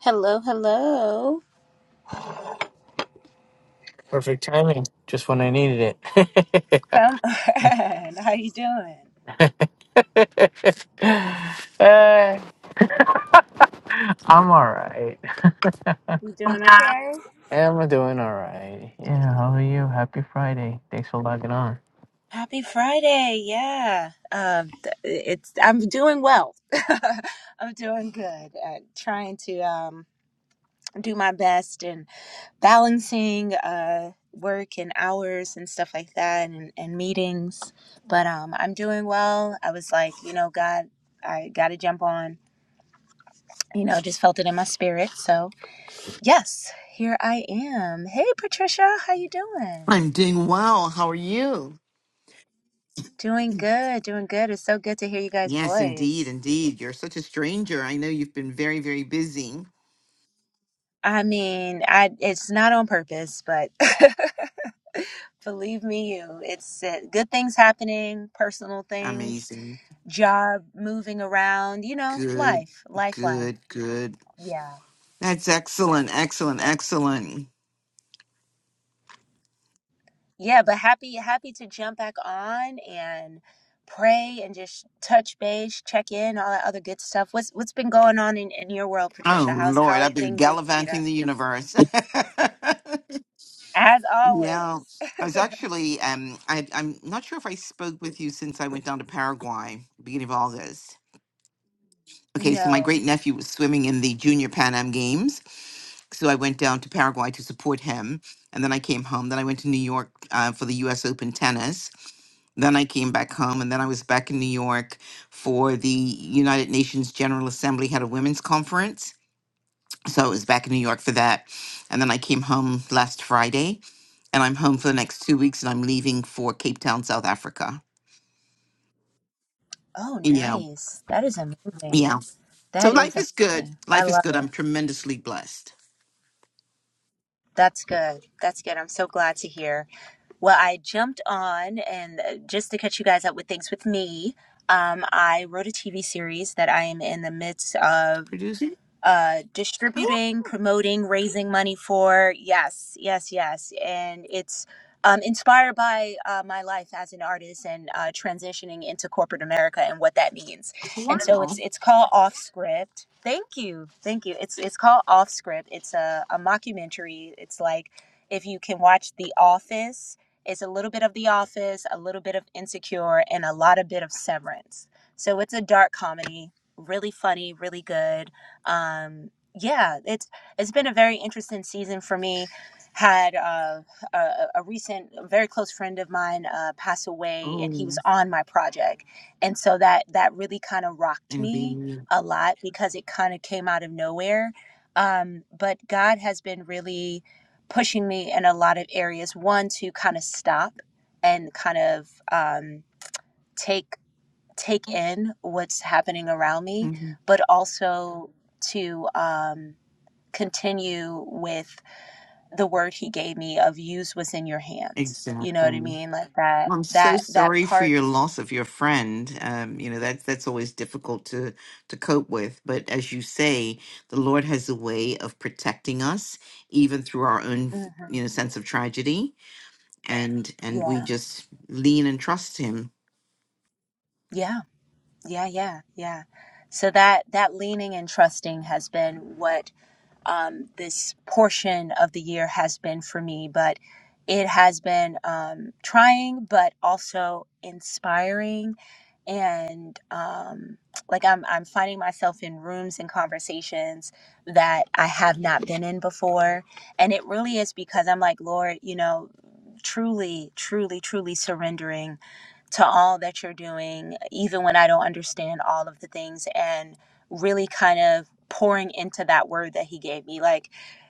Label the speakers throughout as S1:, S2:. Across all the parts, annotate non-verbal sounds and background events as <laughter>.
S1: Hello, hello.
S2: Perfect timing, just when I needed it. <laughs>
S1: Conan, <laughs> how you doing?
S2: Uh, I'm all right. I'm doing all right. Yeah, how are you? Happy Friday. Thanks for logging on.
S1: Happy Friday. Yeah. Um th- it's I'm doing well. <laughs> I'm doing good. Uh, trying to um do my best and balancing uh work and hours and stuff like that and, and meetings. But um I'm doing well. I was like, you know, God, I got to jump on. You know, just felt it in my spirit. So, yes, here I am. Hey Patricia, how you doing?
S3: I'm doing well. How are you?
S1: Doing good, doing good. It's so good to hear you guys'
S3: Yes, indeed,
S1: voice.
S3: indeed. You're such a stranger. I know you've been very, very busy.
S1: I mean, I it's not on purpose, but <laughs> believe me, you, it's uh, good things happening, personal things,
S3: Amazing.
S1: job moving around, you know,
S3: Good,
S1: life, life, life.
S3: good, good.
S1: Yeah,
S3: That's excellent, excellent,
S1: yeah,
S3: excellent.
S1: yeah. But happy, happy to jump back on and pray and just touch base, check in, all that other good stuff. What's what's been going on in, in your world,
S3: Oh,
S1: Patricia? How's how
S3: Lord,
S1: are
S3: I've been
S1: things in Bermuda?
S3: gallivanting the universe. <laughs>
S1: As
S3: yeah.
S1: always. <laughs>
S3: I was actually, um, I, I'm not sure if I spoke with you since I went down to Paraguay, beginning of August. Okay, so my
S1: No.
S3: great nephew was swimming in the Junior Pan Am Games so I went down to Paraguay to support him, and then I came home. Then I went to New York uh, for the U.S. Open tennis. Then I came back home, and then I was back in New York for the United Nations General Assembly had a women's conference. So I was back in New York for that, and then I came home last Friday, and I'm home for the next two weeks, and I'm leaving for Cape Town, South Africa.
S1: Oh,
S3: Yeah,
S1: nice. That is amazing.
S3: yeah. So
S1: That is
S3: life is good.
S1: amazing. I
S3: Life is
S1: love
S3: good. I'm
S1: it.
S3: tremendously blessed.
S1: That's good. That's good. I'm so glad to hear. Well, I jumped on, and uh, just to catch you guys up with things with me, um, I wrote a TV series that I am in the midst of.
S3: Producing.
S1: uh,
S3: Oh
S1: distributing, promoting, raising money for. Yes, yes, yes. And it's um, inspired by uh, my life as an artist and uh, transitioning into corporate America and what that means. And so
S3: wow.
S1: it's it's called Off Script. Thank you, thank you. It's it's called Off Script. It's a, a mockumentary. It's like if you can watch The Office. It's a little bit of The Office, a little bit of Insecure, and a lot of bit of Severance. So it's a dark comedy, really funny, really good um yeah it's it's been a very interesting season for me had uh, a, a recent a very close friend of mine uh, pass away and he was
S3: Oh,
S1: on my project and so that that really kind of rocked me
S3: indeed.
S1: a lot because it kind of came out of nowhere um, but god has been really pushing me in a lot of areas one to kind of stop and kind of um, take take in what's happening around me, but also to um, continue with the word he gave me of use what's in your hands. You know what I
S3: Exactly.
S1: mean? Like that,
S3: Well, I'm so
S1: that, that
S3: sorry for
S1: part.
S3: your loss of your friend. Um, you know, that's that's always difficult to to cope with. But as you say, the Lord has a way of protecting us, even through our own,
S1: Mhm.
S3: you know, sense of tragedy, and and we
S1: Yeah.
S3: just lean and trust Him.
S1: Yeah. Yeah. Yeah. Yeah. So that, that leaning and trusting has been what um, this portion of the year has been for me, but it has been um, trying, but also inspiring. And um, like I'm, I'm finding myself in rooms and conversations that I have not been in before. And it really is because I'm like, Lord, you know, truly, truly, truly surrendering to all that you're doing, even when I don't understand all of the things, and really kind of pouring into that word that He gave me. Like,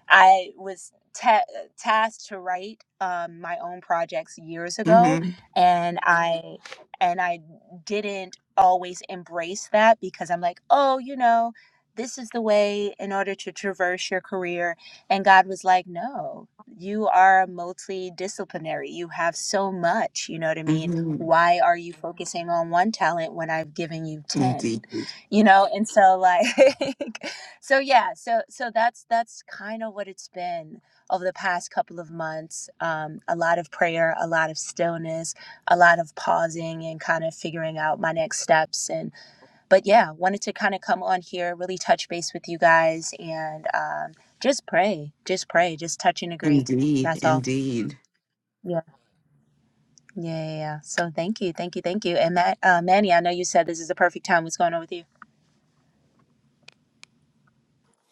S1: I was ta- tasked to write um, my own projects years ago,
S3: Mm-hmm.
S1: and I and I didn't always embrace that because I'm like, oh, you know, this is the way in order to traverse your career. And God was like, no, you are multidisciplinary. You have so much, you know what I mean?
S3: Mm-hmm.
S1: why are you focusing on one talent when I've given you 10?
S3: Indeed.
S1: You know, and so like <laughs> so yeah, so so that's that's kind of what it's been over the past couple of months. Um a lot of prayer, a lot of stillness, a lot of pausing and kind of figuring out my next steps and but yeah, wanted to kind of come on here, really touch base with you guys and um just pray, just pray, just touch and agree.
S3: Indeed.
S1: That's all.
S3: Indeed.
S1: Yeah, yeah, yeah. So thank you, thank you, thank you. And Matt, uh, Manny, I know you said this is the perfect time. What's going on with you?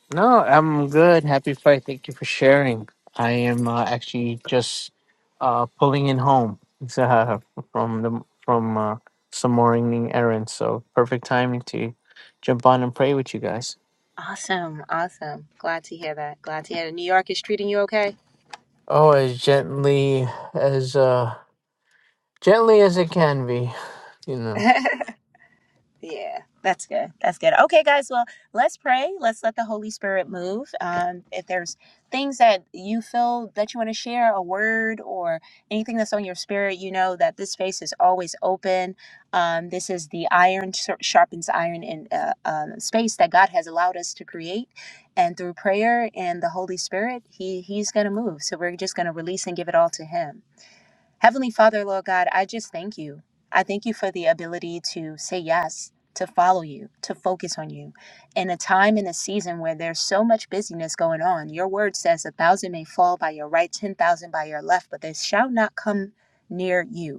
S2: No, I'm good. Happy Friday. Thank you for sharing. I am uh, actually just uh, pulling in home <laughs> uh, from the from uh, some morning errands. So perfect timing to jump on and pray with you guys.
S1: Awesome, awesome. Glad to hear that. Glad to hear that. New York is treating you okay.
S2: Oh, as gently as uh gently as it can be, you know.
S1: <laughs> Yeah, that's good. That's good. Okay, guys. Well, let's pray. Let's let the Holy Spirit move. Um, if there's things that you feel that you want to share, a word or anything that's on your spirit, you know that this space is always open. Um, this is the iron sharp- sharpens iron in uh, um, space that God has allowed us to create, and through prayer and the Holy Spirit, He He's gonna move. So we're just gonna release and give it all to Him. Heavenly Father, Lord God, I just thank you. I thank you for the ability to say yes, to follow you, to focus on you. In a time and a season where there's so much busyness going on, your word says a thousand may fall by your right, 10,000 by your left, but they shall not come near you.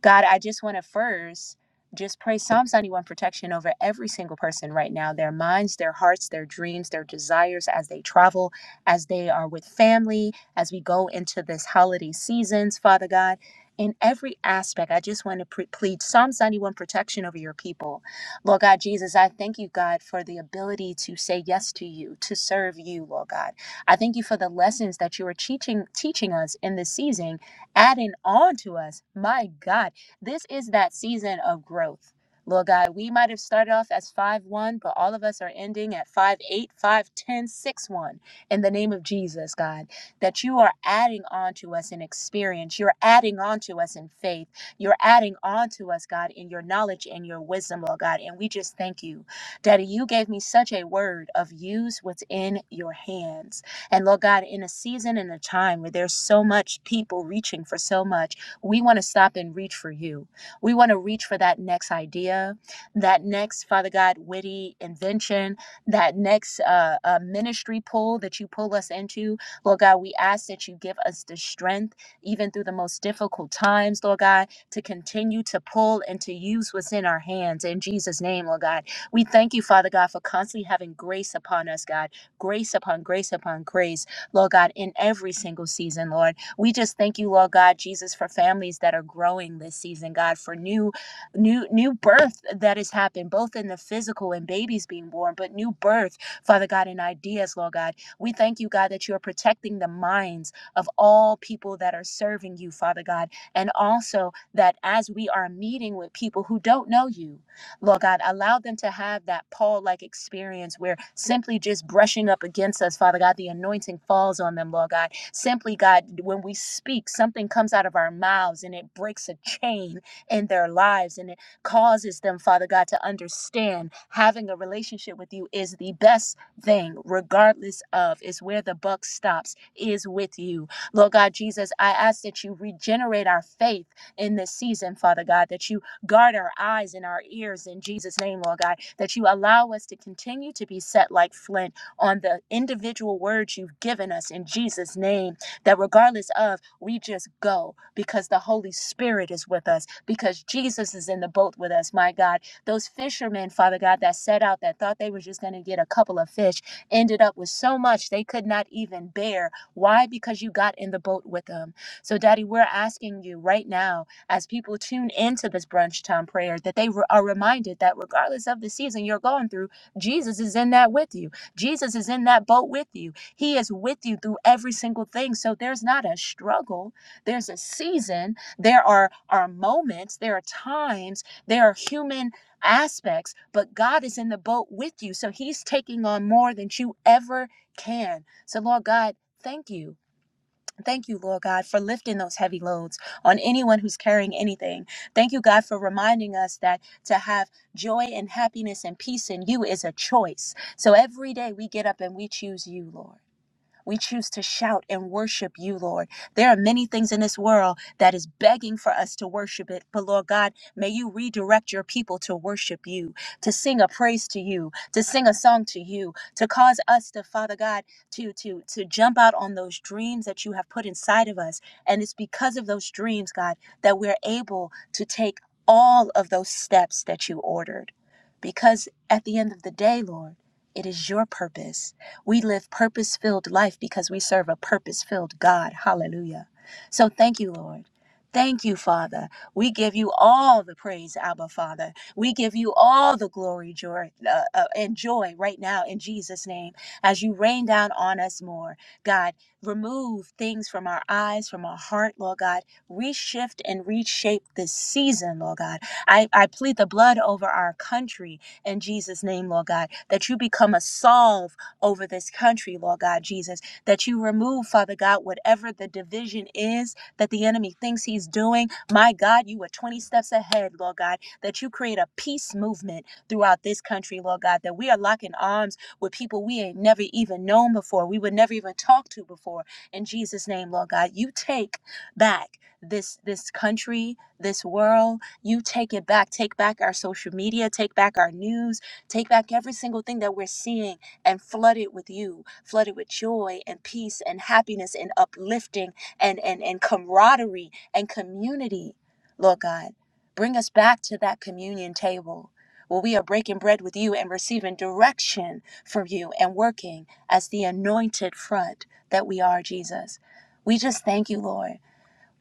S1: God, I just want to first just pray Psalms 91 protection over every single person right now, their minds, their hearts, their dreams, their desires as they travel, as they are with family, as we go into this holiday seasons, Father God. In every aspect, I just want to pre- plead Psalms 91 protection over your people. Lord God Jesus, I thank you, God, for the ability to say yes to you, to serve you, Lord God. I thank you for the lessons that you are teaching, teaching us in this season adding on to us. My God. This is that season of growth. Lord God, we might have started off as 5 1, but all of us are ending at 5 8, 5 10, 6 1 in the name of Jesus, God. That you are adding on to us in experience. You're adding on to us in faith. You're adding on to us, God, in your knowledge and your wisdom, Lord God. And we just thank you. Daddy, you gave me such a word of use what's in your hands. And Lord God, in a season and a time where there's so much people reaching for so much, we want to stop and reach for you. We want to reach for that next idea, that next, Father God, witty invention, that next uh, uh, ministry pull that you pull us into. Lord God, we ask that you give us the strength, even through the most difficult times, Lord God, to continue to pull and to use what's in our hands. In Jesus' name, Lord God, we thank you, Father God, for constantly having grace upon us, God, grace upon grace upon grace, Lord God, in every single season, Lord. We just thank you, Lord God, Jesus, for families that are growing this season, God, for new, new, new birth that has happened, both in the physical and babies being born, but new birth, Father God, in ideas, Lord God. We thank you, God, that you are protecting the minds of all people that are serving you, Father God, and also that as we are meeting with people who don't know you, Lord God, allow them to have that Paul like experience where simply just brushing up against us, Father God, the anointing falls on them, Lord God. Simply, God, when we speak, something comes out of our mouths and it breaks a chain in their lives and it causes them, Father God, to understand having a relationship with you is the best thing, regardless of, is where the buck stops, is with you. Lord God, Jesus, I ask that you regenerate our faith in this season, Father God, that you Guard our eyes and our ears in Jesus' name, Lord God, that you allow us to continue to be set like flint on the individual words you've given us in Jesus' name. That regardless of, we just go because the Holy Spirit is with us, because Jesus is in the boat with us, my God. Those fishermen, Father God, that set out that thought they were just going to get a couple of fish ended up with so much they could not even bear. Why? Because you got in the boat with them. So, Daddy, we're asking you right now as people tune into this brunch time prayer, that they re- are reminded that regardless of the season you're going through, Jesus is in that with you. Jesus is in that boat with you. He is with you through every single thing. So there's not a struggle, there's a season, there are, are moments, there are times, there are human aspects, but God is in the boat with you. So he's taking on more than you ever can. So, Lord God, thank you. Thank you, Lord God, for lifting those heavy loads on anyone who's carrying anything. Thank you, God, for reminding us that to have joy and happiness and peace in you is a choice. So every day we get up and we choose you, Lord. We choose to shout and worship you, Lord. There are many things in this world that is begging for us to worship it. But Lord God, may you redirect your people to worship you, to sing a praise to you, to sing a song to you, to cause us to, Father God, to to to jump out on those dreams that you have put inside of us. And it's because of those dreams, God, that we're able to take all of those steps that you ordered. Because at the end of the day, Lord, it is your purpose we live purpose filled life because we serve a purpose filled God. Hallelujah. So thank you, Lord. Thank you, Father. We give you all the praise, Abba, Father. We give you all the glory, joy, uh, uh, and joy right now in Jesus' name as you rain down on us more. God, remove things from our eyes, from our heart, Lord God. Reshift and reshape this season, Lord God. I, I plead the blood over our country in Jesus' name, Lord God, that you become a Saul over this country, Lord God Jesus. That you remove, Father God, whatever the division is that the enemy thinks he's doing. My God, you are 20 steps ahead, Lord God. That you create a peace movement throughout this country, Lord God. That we are locking arms with people we ain't never even known before, we would never even talk to before. In Jesus' name, Lord God, you take back this this country this world you take it back take back our social media take back our news take back every single thing that we're seeing and flooded with you, flooded with joy and peace and happiness and uplifting and, and, and camaraderie and community, Lord God. Bring us back to that communion table where we are breaking bread with you and receiving direction from you and working as the anointed front that we are, Jesus. We just thank you, Lord.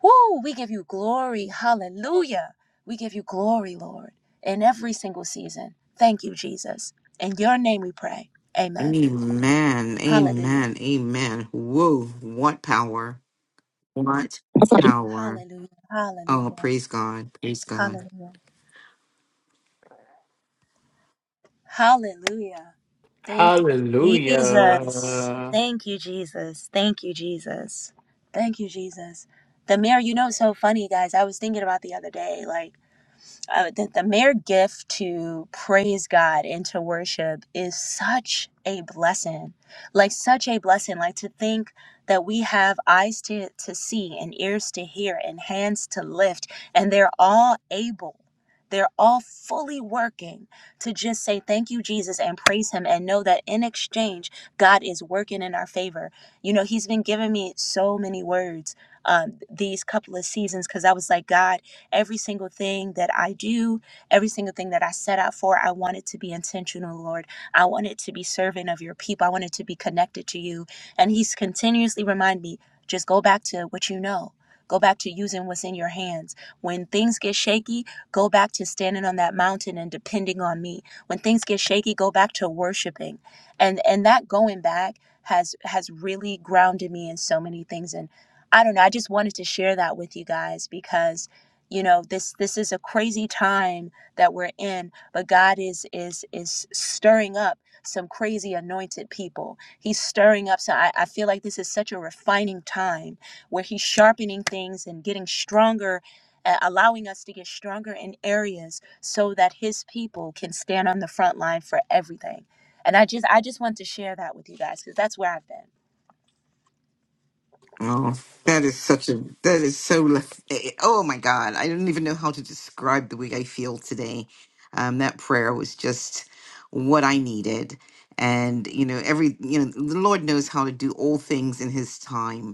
S1: Woo! We give you glory. Hallelujah. We give you glory, Lord, in every single season. Thank you, Jesus. In your name we pray. Amen.
S3: Amen.
S1: Hallelujah.
S3: Amen. Amen. Whoa! What power! What power!
S1: Hallelujah.
S3: Oh,
S1: Hallelujah.
S3: praise God. Praise God.
S1: Hallelujah. Hallelujah. Thank you, Jesus.
S2: Hallelujah.
S1: Thank you, Jesus. Thank you, Jesus. Thank you, Jesus. The mirror, you know, it's so funny, guys. I was thinking about the other day, like, uh, that the mere gift to praise God and to worship is such a blessing. Like, such a blessing. Like, to think that we have eyes to, to see and ears to hear and hands to lift, and they're all able. They're all fully working to just say thank you, Jesus, and praise Him, and know that in exchange, God is working in our favor. You know, He's been giving me so many words um, these couple of seasons because I was like, God, Every single thing that I do, every single thing that I set out for, I want it to be intentional, Lord. I want it to be servant of your people. I want it to be connected to you. And He's continuously remind me, just go back to what you know. Go back to using what's in your hands. When things get shaky, go back to standing on that mountain and depending on me. When things get shaky, go back to worshiping. And and that going back has has really grounded me in so many things and I don't know. I just wanted to share that with you guys because you know this this is a crazy time that we're in but god is is is stirring up some crazy anointed people he's stirring up so I, I feel like this is such a refining time where he's sharpening things and getting stronger uh, allowing us to get stronger in areas so that his people can stand on the front line for everything and i just i just want to share that with you guys because that's where i've been
S3: Oh, that is such a, that is so, lef- eh, eh, oh my God. I don't even know how to describe the way I feel today. Um, that prayer was just what I needed. And, you know, every, you know, the Lord knows how to do all things in his time.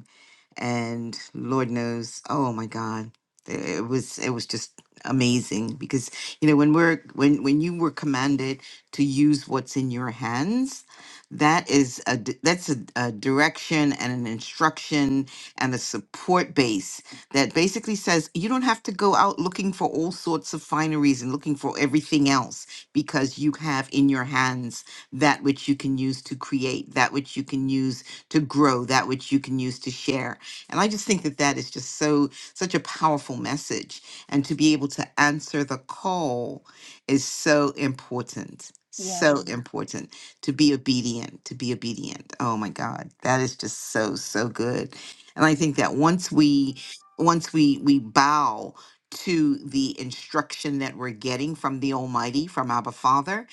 S3: and Lord knows, oh my God, it was it was just amazing because you know when we're when when you were commanded to use what's in your hands, that is a d- that's a, a direction and an instruction and a support base that basically says you don't have to go out looking for all sorts of fineries and looking for everything else because you have in your hands that which you can use to create, that which you can use to grow, that which you can use to share and I just think that that is just so, such a powerful message. And to be able to answer the call is so important. So
S1: yeah
S3: Mhm. important to be obedient, to be obedient. Oh my God. That is just so, so good. And I think that once we, once we, we bow to the instruction that we're getting from the Almighty, from Abba Father,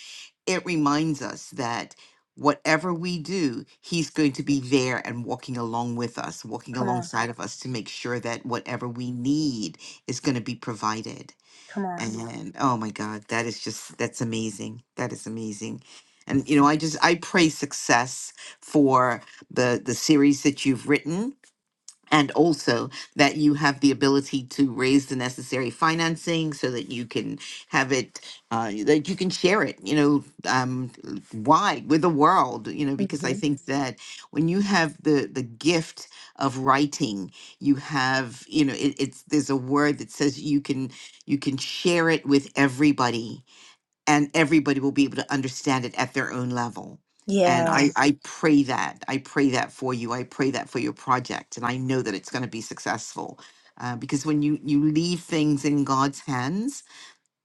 S3: it reminds us that whatever we do, He's going to be there and walking along with us, walking
S1: come on
S3: alongside of us to make sure that whatever we need is going to be provided.
S1: come on
S3: And oh my God, that is just, that's amazing. That is amazing. And you know, I just I pray success for the the series that you've written and also that you have the ability to raise the necessary financing so that you can have it uh, that you can share it you know um, wide with the world you know because i
S1: hmm
S3: think that when you have the the gift of writing you have you know it, it's there's a word that says you can you can share it with everybody and everybody will be able to understand it at their own level. And
S1: yeah
S3: I, Yes. I pray that. I pray that for you. I pray that for your project. And I know that it's going to be successful. Uh, because when you, you leave things in God's hands,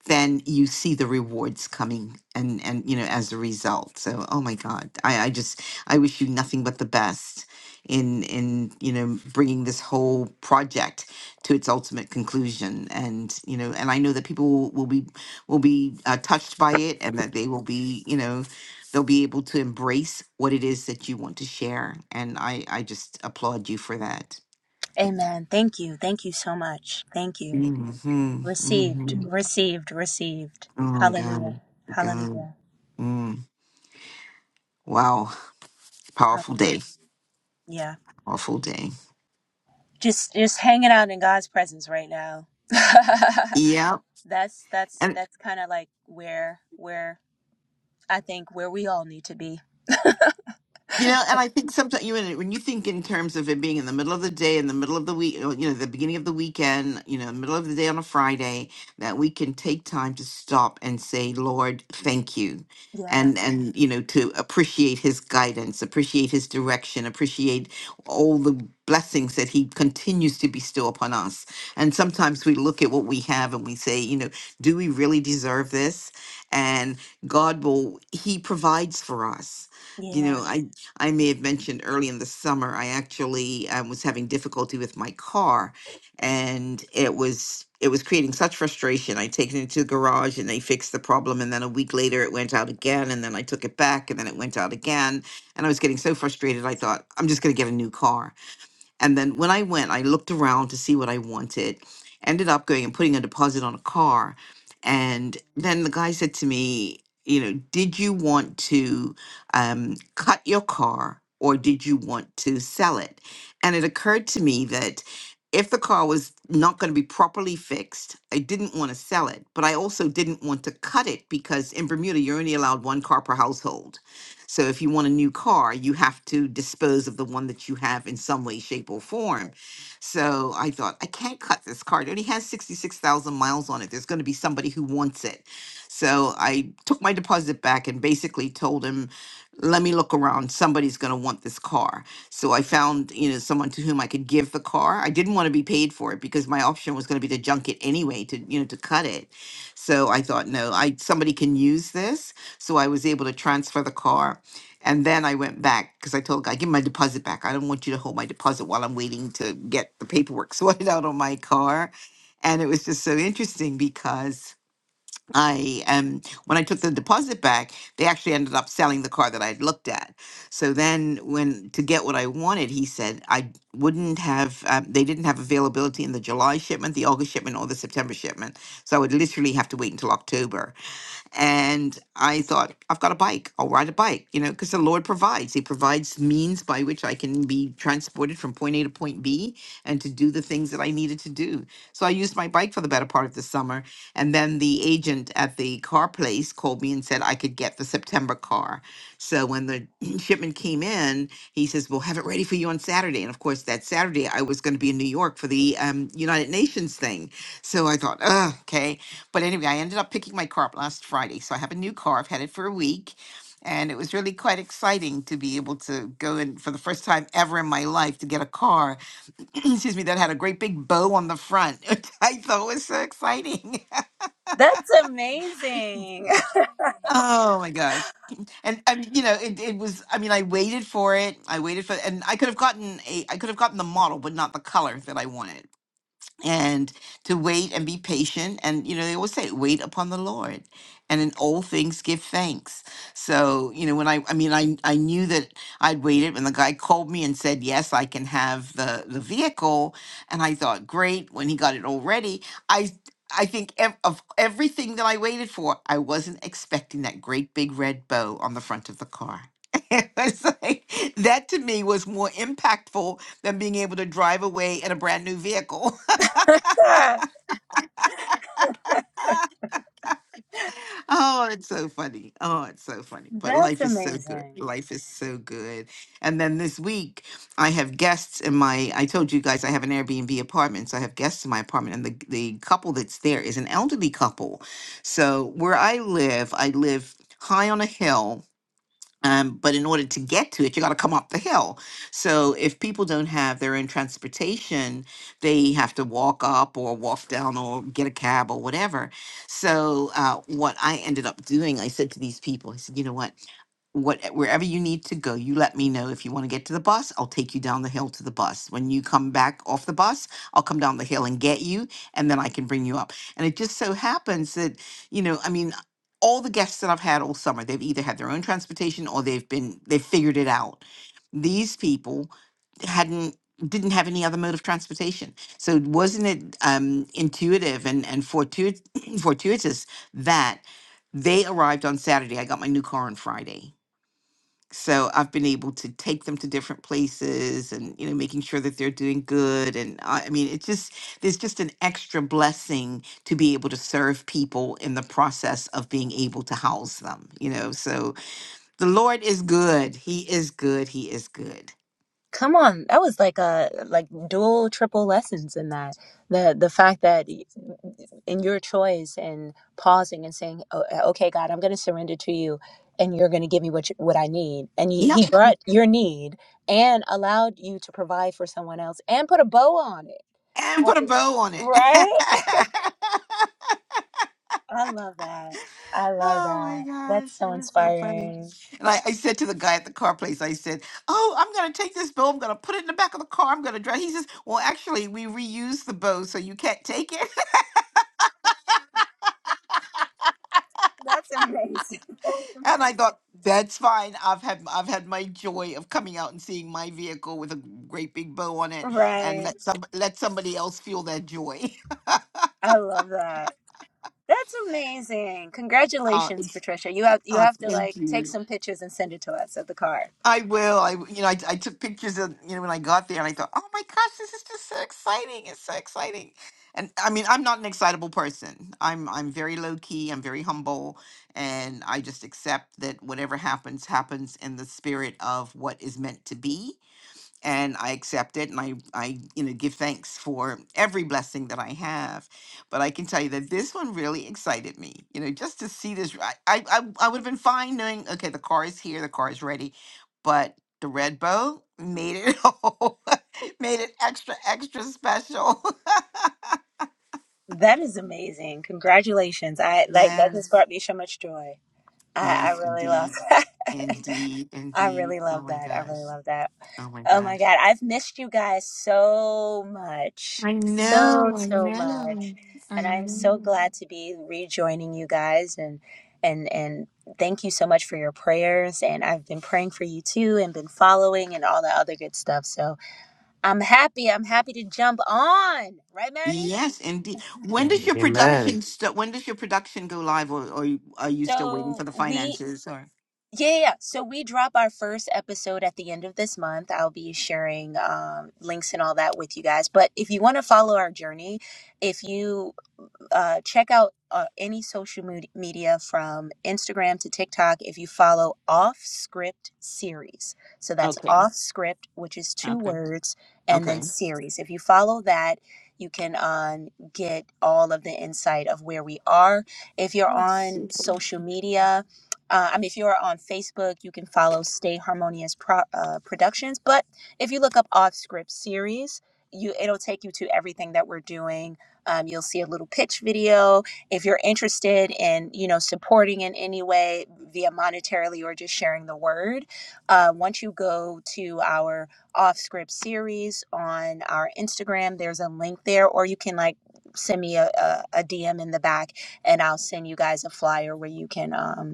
S3: then you see the rewards coming and and you know as a result so oh my god i i just i wish you nothing but the best in in you know bringing this whole project to its ultimate conclusion and you know and i know that people will, will be will be uh, touched by it and that they will be you know they'll be able to embrace what it is that you want to share and i i just applaud you for that
S1: Amen. Thank you. Thank you so much. Thank you.
S3: hmm
S1: Received,
S3: hmm
S1: received, received.
S3: oh
S1: Hallelujah.
S3: god god
S1: Hallelujah.
S3: Mm. Wow. Powerful
S1: Hallelujah.
S3: day.
S1: Yeah.
S3: Powerful day.
S1: Just just hanging out in God's presence right now. <laughs>
S3: Yep.
S1: that's that's
S3: And
S1: that's kind of like where where I think where we all need to be.
S3: You know, and I think sometimes you know, when you think in terms of it being in the middle of the day, in the middle of the week, you know, the beginning of the weekend, you know, middle of the day on a Friday, that we can take time to stop and say, "Lord, thank you,"
S1: Yeah.
S3: and and you know, to appreciate His guidance, appreciate His direction, appreciate all the blessings that He continues to bestow upon us. And sometimes we look at what we have and we say, you know, do we really deserve this? And God will, He provides for us you know
S1: Yeah.
S3: i I may have mentioned early in the summer, I actually um, was having difficulty with my car, and it was it was creating such frustration. I take it into the garage, and they fixed the problem, and then a week later, it went out again, and then I took it back, and then it went out again, and I was getting so frustrated. I thought, I'm just going to get a new car and then when I went, I looked around to see what I wanted, ended up going and putting a deposit on a car. And then the guy said to me, you know, did you want to um, cut your car or did you want to sell it? And it occurred to me that if the car was not going to be properly fixed, I didn't want to sell it, but I also didn't want to cut it because in Bermuda, you're only allowed one car per household. So if you want a new car, you have to dispose of the one that you have in some way, shape, or form. So I thought, I can't cut this car. It only has 66,000 miles on it. There's going to be somebody who wants it. So I took my deposit back and basically told him, let me look around. Somebody's going to want this car. So I found, you know, someone to whom I could give the car. I didn't want to be paid for it because my option was going to be to junk it anyway, to, you know, to cut it. So I thought, no, I somebody can use this so I was able to transfer the car. And then I went back because I told God, give me my deposit back. I don't want you to hold my deposit while I'm waiting to get the paperwork <laughs> sorted out on my car. And it was just so interesting because I um when I took the deposit back, they actually ended up selling the car that I'd looked at. So then when to get what I wanted, he said I wouldn't have um, they didn't have availability in the July shipment, the August shipment, or the September shipment. So I would literally have to wait until October and I thought, I've got a bike. I'll ride a bike, you know, because the Lord provides. He provides means by which I can be transported from point A to point B and to do the things that I needed to do. So I used my bike for the better part of the summer. And then the agent at the car place called me and said I could get the September car. So when the <clears throat> shipment came in, he says, We'll have it ready for you on Saturday. And of course, that Saturday I was going to be in New York for the um, United Nations thing. So I thought, "Ugh, okay. But anyway, I ended up picking my car up last Friday. So I have a new car. I've had it for a week. And it was really quite exciting to be able to go and for the first time ever in my life to get a car, <clears throat> excuse me, that had a great big bow on the front, <laughs> which I thought was so exciting.
S1: That's amazing.
S3: <laughs> oh my gosh. And I mean, you know, it, it was I mean, I waited for it. I waited for and I could have gotten a I could have gotten the model, but not the color that I wanted. and to wait and be patient. And, you know, they always say, wait upon the Lord and in all things give thanks. So, you know, when I, I mean, I, I knew that I'd waited when the guy called me and said, yes, I can have the, the vehicle. And I thought, great. When he got it all ready, I, I think ev- of everything that I waited for, I wasn't expecting that great big red bow on the front of the car. <laughs> It was like, that to me was more impactful than being able to drive away in a brand new vehicle.
S1: <laughs>
S3: Oh, it's so funny. Oh, it's so funny. But
S1: that's
S3: life is so good.
S1: amazing.
S3: Life is so good. And then this week, I have guests in my, I told you guys I have an Airbnb apartment. So I have guests in my apartment. And the, the couple that's there is an elderly couple. So where I live, I live high on a hill um, but in order to get to it, you got to come up the hill. So if people don't have their own transportation, they have to walk up or walk down or get a cab or whatever. So uh, what I ended up doing, I said to these people, I said, you know what? what wherever you need to go you let me know if you want to get to the bus i'll take you down the hill to the bus when you come back off the bus i'll come down the hill and get you and then i can bring you up and it just so happens that you know i mean all the guests that i've had all summer they've either had their own transportation or they've been they've figured it out these people hadn't didn't have any other mode of transportation so wasn't it um intuitive and and fortuit- <clears throat> fortuitous that they arrived on saturday i got my new car on friday so I've been able to take them to different places and you know making sure that they're doing good and I, I mean it's just there's just an extra blessing to be able to serve people in the process of being able to house them you know so the Lord is good he is good he is good
S1: Come on, that was like a like dual triple lessons in that. The the fact that in your choice and pausing and saying, oh, uh, "Okay, God, I'm going to surrender to you, and you're going to give me what you, what I need," and he,
S3: yep
S1: he brought your need and allowed you to provide for someone else and put a bow on it.
S3: and put
S1: At
S3: a
S1: the-
S3: bow on
S1: Right?
S3: it <laughs>
S1: I love that. I love
S3: Oh my
S1: that. That's
S3: gosh, it
S1: so
S3: was so funny.
S1: inspiring.
S3: And I, I said to the guy at the car place, I said, Oh, I'm going to take this bow. I'm going to put it in the back of the car. I'm going to drive. He says, Well, actually, we reuse the bow, so you can't take it. <laughs>
S1: That's amazing.
S3: And I thought, That's fine. I've had I've had my joy of coming out and seeing my vehicle with a great big bow on it and
S1: Right.
S3: let some let somebody else feel that joy. <laughs>
S1: I love that. That's amazing.
S3: Uh,
S1: Congratulations,
S3: it's,
S1: Patricia. You have you
S3: uh,
S1: have to
S3: thank
S1: like take
S3: you.
S1: some pictures and send it to us of the car.
S3: I will. I you know I, I took pictures of you know when I got there and I thought, oh my gosh, this is just so exciting! It's so exciting. And I mean, I'm not an excitable person. I'm I'm very low key. I'm very humble, and I just accept that whatever happens happens in the spirit of what is meant to be and I accept it and I I you know give thanks for every blessing that I have. But I can tell you that this one really excited me. You know, just to see this I I I, I would have been fine knowing okay, the car is here, the car is ready, but the red bow made it <laughs> all, made it extra extra special.
S1: That is amazing. Congratulations.
S3: <laughs>
S1: I like that just
S3: yes.
S1: brought me so much joy. I, I
S3: Yes,
S1: really love
S3: indeed.
S1: <laughs> that.
S3: Indeed,
S1: I
S3: indeed.
S1: really
S3: Oh
S1: love
S3: my
S1: that. I
S3: gosh.
S1: really love that.
S3: Oh my
S1: Oh my
S3: gosh.
S1: god, I've missed you guys so much.
S3: I
S1: So
S3: know, I
S1: so much.
S3: know. I
S1: And I'm so
S3: know.
S1: glad to be rejoining you guys and and and thank you so much for your prayers and I've been praying for you too and been following and all the other good stuff. So I'm happy. I'm happy to jump on. Right, Manny?
S3: Yes, indeed. When does your
S2: Amen.
S3: production start? When does your production go live, or, or you- are you still waiting for
S1: So
S3: the
S1: we
S3: finances? Or
S1: yeah, yeah. yeah. So we drop our first episode at the end of this month. I'll be sharing um, links and all that with you guys. But if you want to follow our journey, if you uh, check out uh, any social media from Instagram to TikTok if you follow Off Script Series. So that's
S3: okay,
S1: Off Script, which is two
S3: okay,
S1: words, and then
S3: okay,
S1: series. If you follow that, you can um, get all of the insight of where we are. If you're on social media, uh, I mean, if you're on Facebook, you can follow Stay Harmonious Pro- uh, Productions. But if you look up Off Script Series, you it'll take you to everything that we're doing um, you'll see a little pitch video. If you're interested in, you know, supporting in any way via monetarily or just sharing the word, uh, once you go to our off script series on our Instagram, there's a link there, or you can like send me a, a, DM in the back and I'll send you guys a flyer where you can. Um,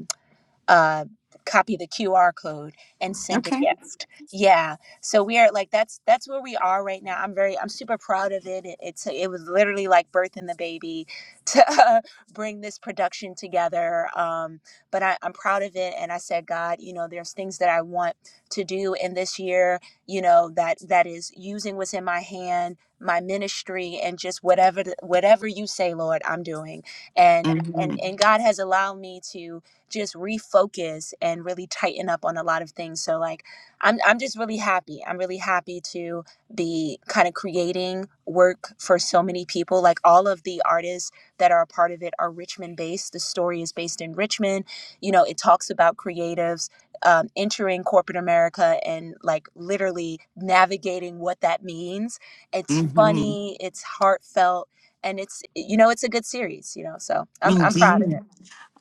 S1: uh, copy the QR code and send a
S3: okay.
S1: gift. Yeah. So we are like that's that's where we are right now. I'm very I'm super proud of it. it it's it was literally like birthing the baby to <laughs> uh, bring this production together. Um, but I, I'm proud of it, and I said, God, you know, there's things that I want to do in this year. You know that that is using what's in my hand my ministry and just whatever whatever you say lord i'm doing and
S3: hmm
S1: and and god has allowed me to just refocus and really tighten up on a lot of things. So like I'm I'm just really happy. I'm really happy to be kind of creating work for so many people. Like all of the artists that are a part of it are Richmond based. The story is based in Richmond. You know, it talks about creatives um, entering corporate America and like literally navigating what that means. It's Mhm.
S3: hmm
S1: funny, it's heartfelt, and it's you know, it's a good series, you know. So I'm I'm proud of
S3: Indeed,
S1: it. Mhm.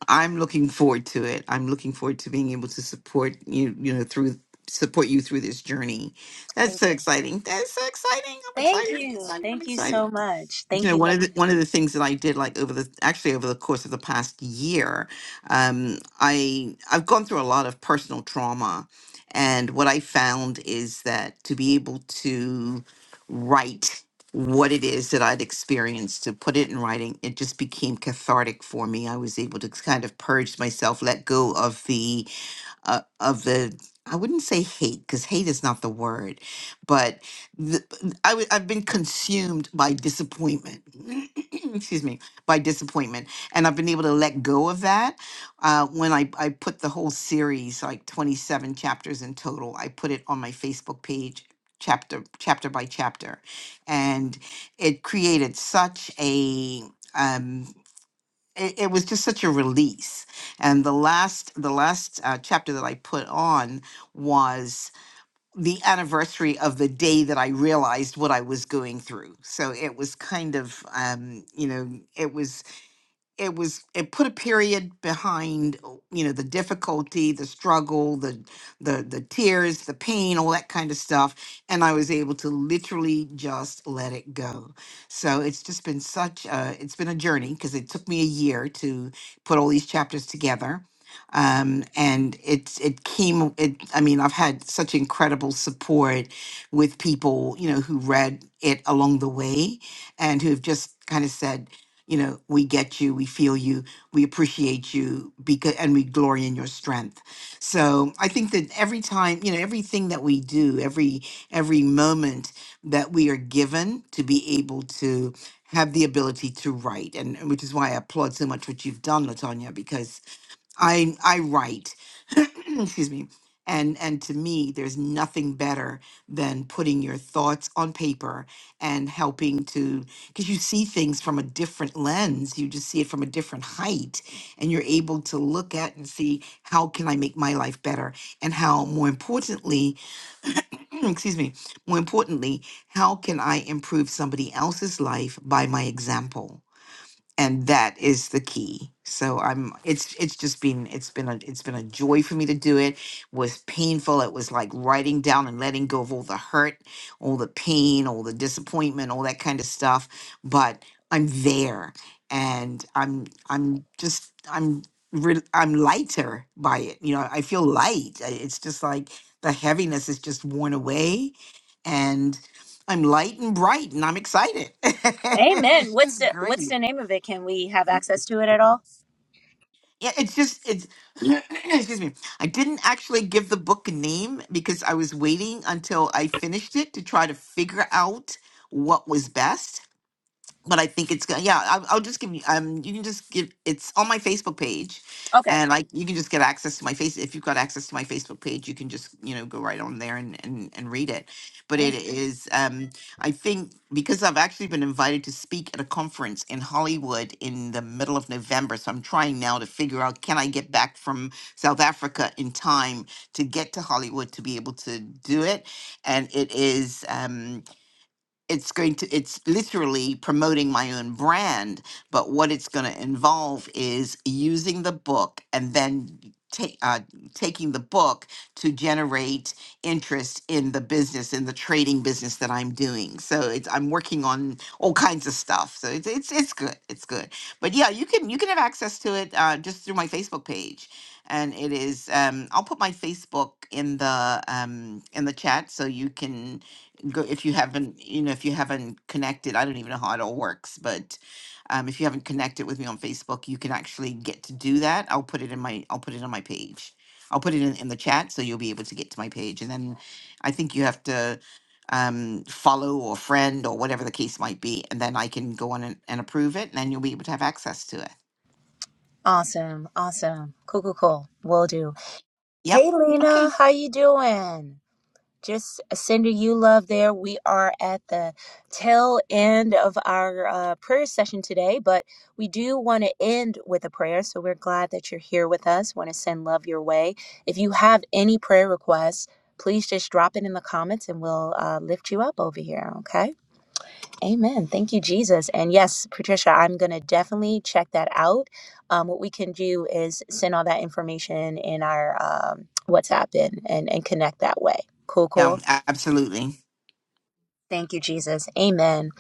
S3: I'm looking forward to it. I'm looking forward to being able to support you. You know, through support you through this journey. That's
S1: Thank
S3: so
S1: you.
S3: exciting. That's so exciting. I'm
S1: Thank
S3: excited. I'm
S1: you.
S3: excited. I'm
S1: Thank you
S3: excited.
S1: so much.
S3: you
S1: Thank
S3: know
S1: you.
S3: one
S1: Thank
S3: of the one of the things that I did like over the actually over the course of the past year, um, I I've gone through a lot of personal trauma, and what I found is that to be able to write what it is that I'd experienced to put it in writing, it just became cathartic for me. I was able to kind of purge myself, let go of the uh, of the I wouldn't say hate because hate is not the word, but the, I w- I've been consumed by disappointment. <clears throat> Excuse me, by disappointment, and I've been able to let go of that. Uh, when I I put the whole series, like twenty seven chapters in total, I put it on my Facebook page, chapter chapter by chapter, and it created such a um, it, it was just such a release and the last the last uh, chapter that i put on was the anniversary of the day that i realized what i was going through so it was kind of um you know it was it was it put a period behind oh, you know the difficulty the struggle the the the tears the pain all that kind of stuff and i was able to literally just let it go so it's just been such a it's been a journey because it took me a year to put all these chapters together um and it's it came it i mean i've had such incredible support with people you know who read it along the way and who have just kind of said you know we get you we feel you we appreciate you because and we glory in your strength so i think that every time you know everything that we do every every moment that we are given to be able to have the ability to write and and which is why i applaud so much what you've done latanya because I I write, <clears throat> excuse me, and and to me, there's nothing better than putting your thoughts on paper and helping to because you see things from a different lens. You just see it from a different height, and you're able to look at and see how can I make my life better, and how more importantly, <clears throat> excuse me, more importantly, how can I improve somebody else's life by my example and that is the key so i'm it's it's just been it's been a it's been a joy for me to do it was painful it was like writing down and letting go of all the hurt all the pain all the disappointment all that kind of stuff but i'm there and i'm i'm just i'm re- i'm lighter by it you know i feel light I- it's just like the heaviness is just worn away and i'm light and bright and i'm excited <laughs>
S1: you. Amen.
S3: it's
S1: What's
S3: just
S1: the what's
S3: great
S1: the name of it? Can we have access to it at all?
S3: yeah, it's just it's <clears throat> excuse me. I didn't actually give the book a name because I was waiting until I finished it to try to figure out what was best but I think it's gonna. Yeah, I'll, I'll just give you. Um, you can just give. It's on my Facebook page,
S1: Okay.
S3: and like you can just get access to my face. If you've got access to my Facebook page, you can just you know go right on there and and and read it. But
S1: Nice.
S3: it is. Um, I think because I've actually been invited to speak at a conference in Hollywood in the middle of November, so I'm trying now to figure out can I get back from South Africa in time to get to Hollywood to be able to do it. And it is. Um, it's going to it's literally promoting my own brand but what it's going to involve is using the book and then ta- uh, taking the book to generate interest in the business in the trading business that i'm doing so it's i'm working on all kinds of stuff so it's it's, it's good it's good but yeah you can you can have access to it uh, just through my facebook page and it is um, i'll put my facebook in the um, in the chat so you can go if you haven't you know if you haven't connected i don't even know how it all works but um, if you haven't connected with me on facebook you can actually get to do that i'll put it in my i'll put it on my page i'll put it in, in the chat so you'll be able to get to my page and then i think you have to um, follow or friend or whatever the case might be and then i can go on and, and approve it and then you'll be able to have access to it
S1: Awesome. Awesome. Cool, cool, cool. Will do.
S3: yep
S1: Hey
S3: okay
S1: Lena, how you doing? just uh, sending you love there. We are at the tail end of our uh, prayer session today, but we do want to end with a prayer. So we're glad that you're here with us. Want to send love your way. If you have any prayer requests, please just drop it in the comments and we'll uh, lift you up over here. Okay. Amen. Thank you, Jesus. And yes, Patricia, I'm going to definitely check that out. Um, what we can do is send all that information in our um, WhatsApp and, and, and connect that way. Cool, cool.
S3: yeah a- absolutely
S1: Thank you, Jesus. Amen.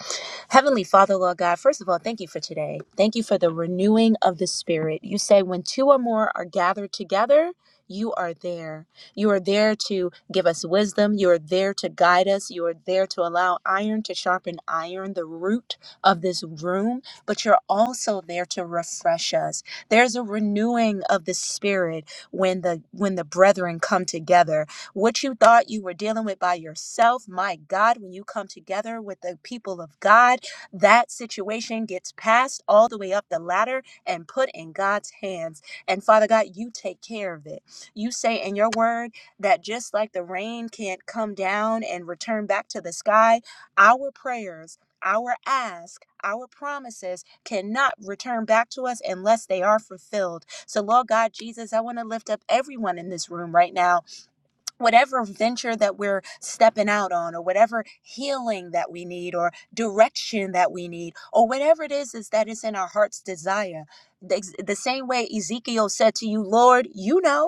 S1: Heavenly Father, Lord God, first of all, thank you for today. Thank you for the renewing of the Spirit. You say, when two or more are gathered together, you are there. You are there to give us wisdom. You are there to guide us. You are there to allow iron to sharpen iron, the root of this room. But you're also there to refresh us. There's a renewing of the spirit when the when the brethren come together what you thought you were dealing with by yourself, my God, when you come together with the people of God, that situation gets passed all the way up the ladder and put in God's hands. And Father God, you take care of it. You say in your word that just like the rain can't come down and return back to the sky, our prayers, our ask, our promises cannot return back to us unless they are fulfilled. So, Lord God, Jesus, I want to lift up everyone in this room right now whatever venture that we're stepping out on or whatever healing that we need or direction that we need or whatever it is is that is in our heart's desire the, the same way ezekiel said to you lord you know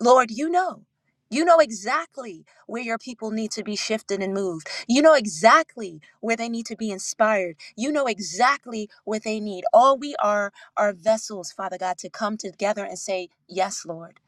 S1: Lord, you know. You know exactly where your people need to be shifted and moved. You know exactly where they need to be inspired. You know exactly what they need. All we are are vessels, Father God, to come together and say, Yes, Lord.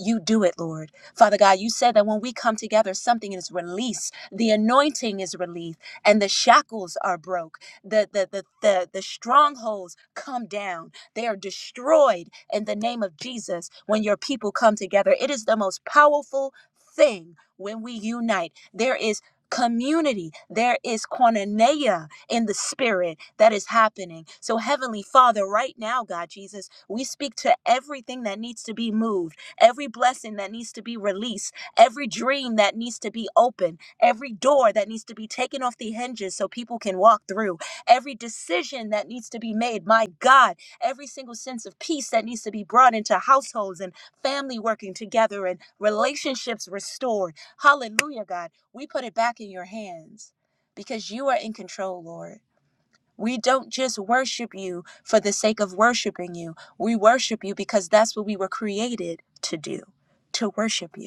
S1: You do it, Lord. Father God, you said that when we come together, something is released. The anointing is relief, and the shackles are broke. The, the, the, the, the strongholds come down they are destroyed in the name of Jesus when your people come together. It is the most powerful thing when we unite. There is community there is koinonia in the spirit that is happening so heavenly father right now god jesus we speak to everything that needs to be moved every blessing that needs to be released every dream that needs to be open every door that needs to be taken off the hinges so people can walk through every decision that needs to be made my god every single sense of peace that needs to be brought into households and family working together and relationships restored. Hallelujah, God. We put it back in your hands because you are in control, Lord. We don't just worship you for the sake of worshiping you. We worship you because that's what we were created to do, to worship you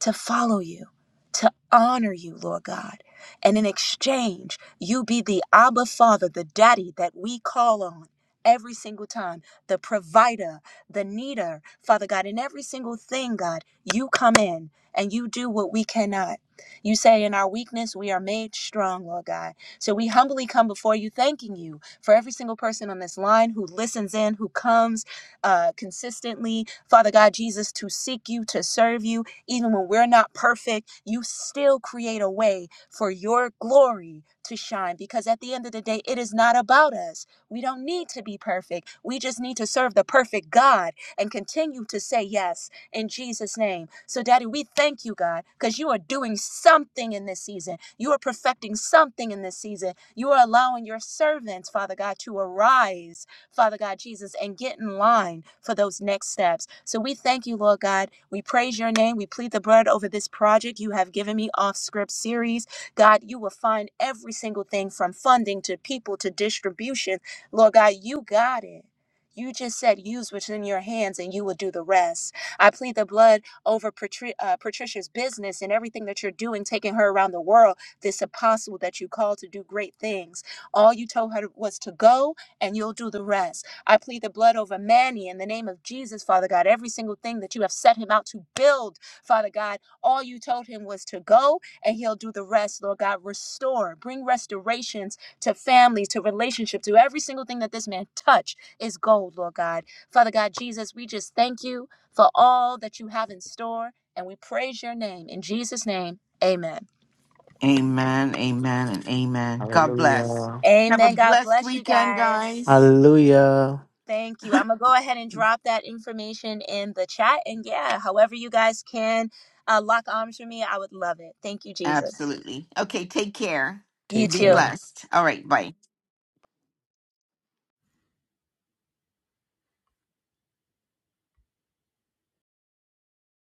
S1: to follow you, to honor you, Lord God. And in exchange, you be the Abba Father, the daddy that we call on every single time, the provider, the needer, Father God. In every single thing, God, you come in and you do what we cannot. You say, In our weakness, we are made strong, Lord God. So we humbly come before you, thanking you for every single person on this line who listens in, who comes uh, consistently, Father God Jesus, to seek you, to serve you even when we're not perfect, you still create a way for your glory to shine because at the end of the day, it is not about us. We don't need to be perfect. We just need to serve the perfect God and continue to say yes in Jesus' name. So, Daddy, we thank you, God, because you are doing something in this season. You are perfecting something in this season. You are allowing your servants, Father God, to arise Father God Jesus, and get in line for those next steps. So we thank you, Lord God. We praise your name. We plead the blood over this project you have given me off script series. God, you will find every single thing from funding to people to distribution. Lord God, you got it. You just said, use what's in your hands and you will do the rest. I plead the blood over Patri- uh, Patricia's business and everything that you're doing, taking her around the world, this apostle that you called to do great things. All you told her was to go, and you'll do the rest. I plead the blood over Manny in the name of Jesus, Father God. Every single thing that you have set him out to build, Father God, all you told him was to go and he'll do the rest, Lord God. Restore, bring restorations to families, to relationships, to every single thing that this man touched is gold, Lord God. Father God, Jesus, we just thank you for all that you have in store and we praise your name. In Jesus' name, amen.
S3: amen amen and amen god bless
S2: Hallelujah.
S3: have a
S1: Amen. God
S3: blessed
S1: bless you
S3: weekend guys
S1: guys.
S2: Hallelujah.
S1: Thank you. I'm gonna go ahead and drop that information in the chat. And yeah, however you guys can uh, lock arms for me, I would love it. Thank you, Jesus.
S3: Absolutely. Okay, take care.
S1: You
S2: Take
S3: Be
S1: too.
S2: care.
S3: blessed. All right, bye.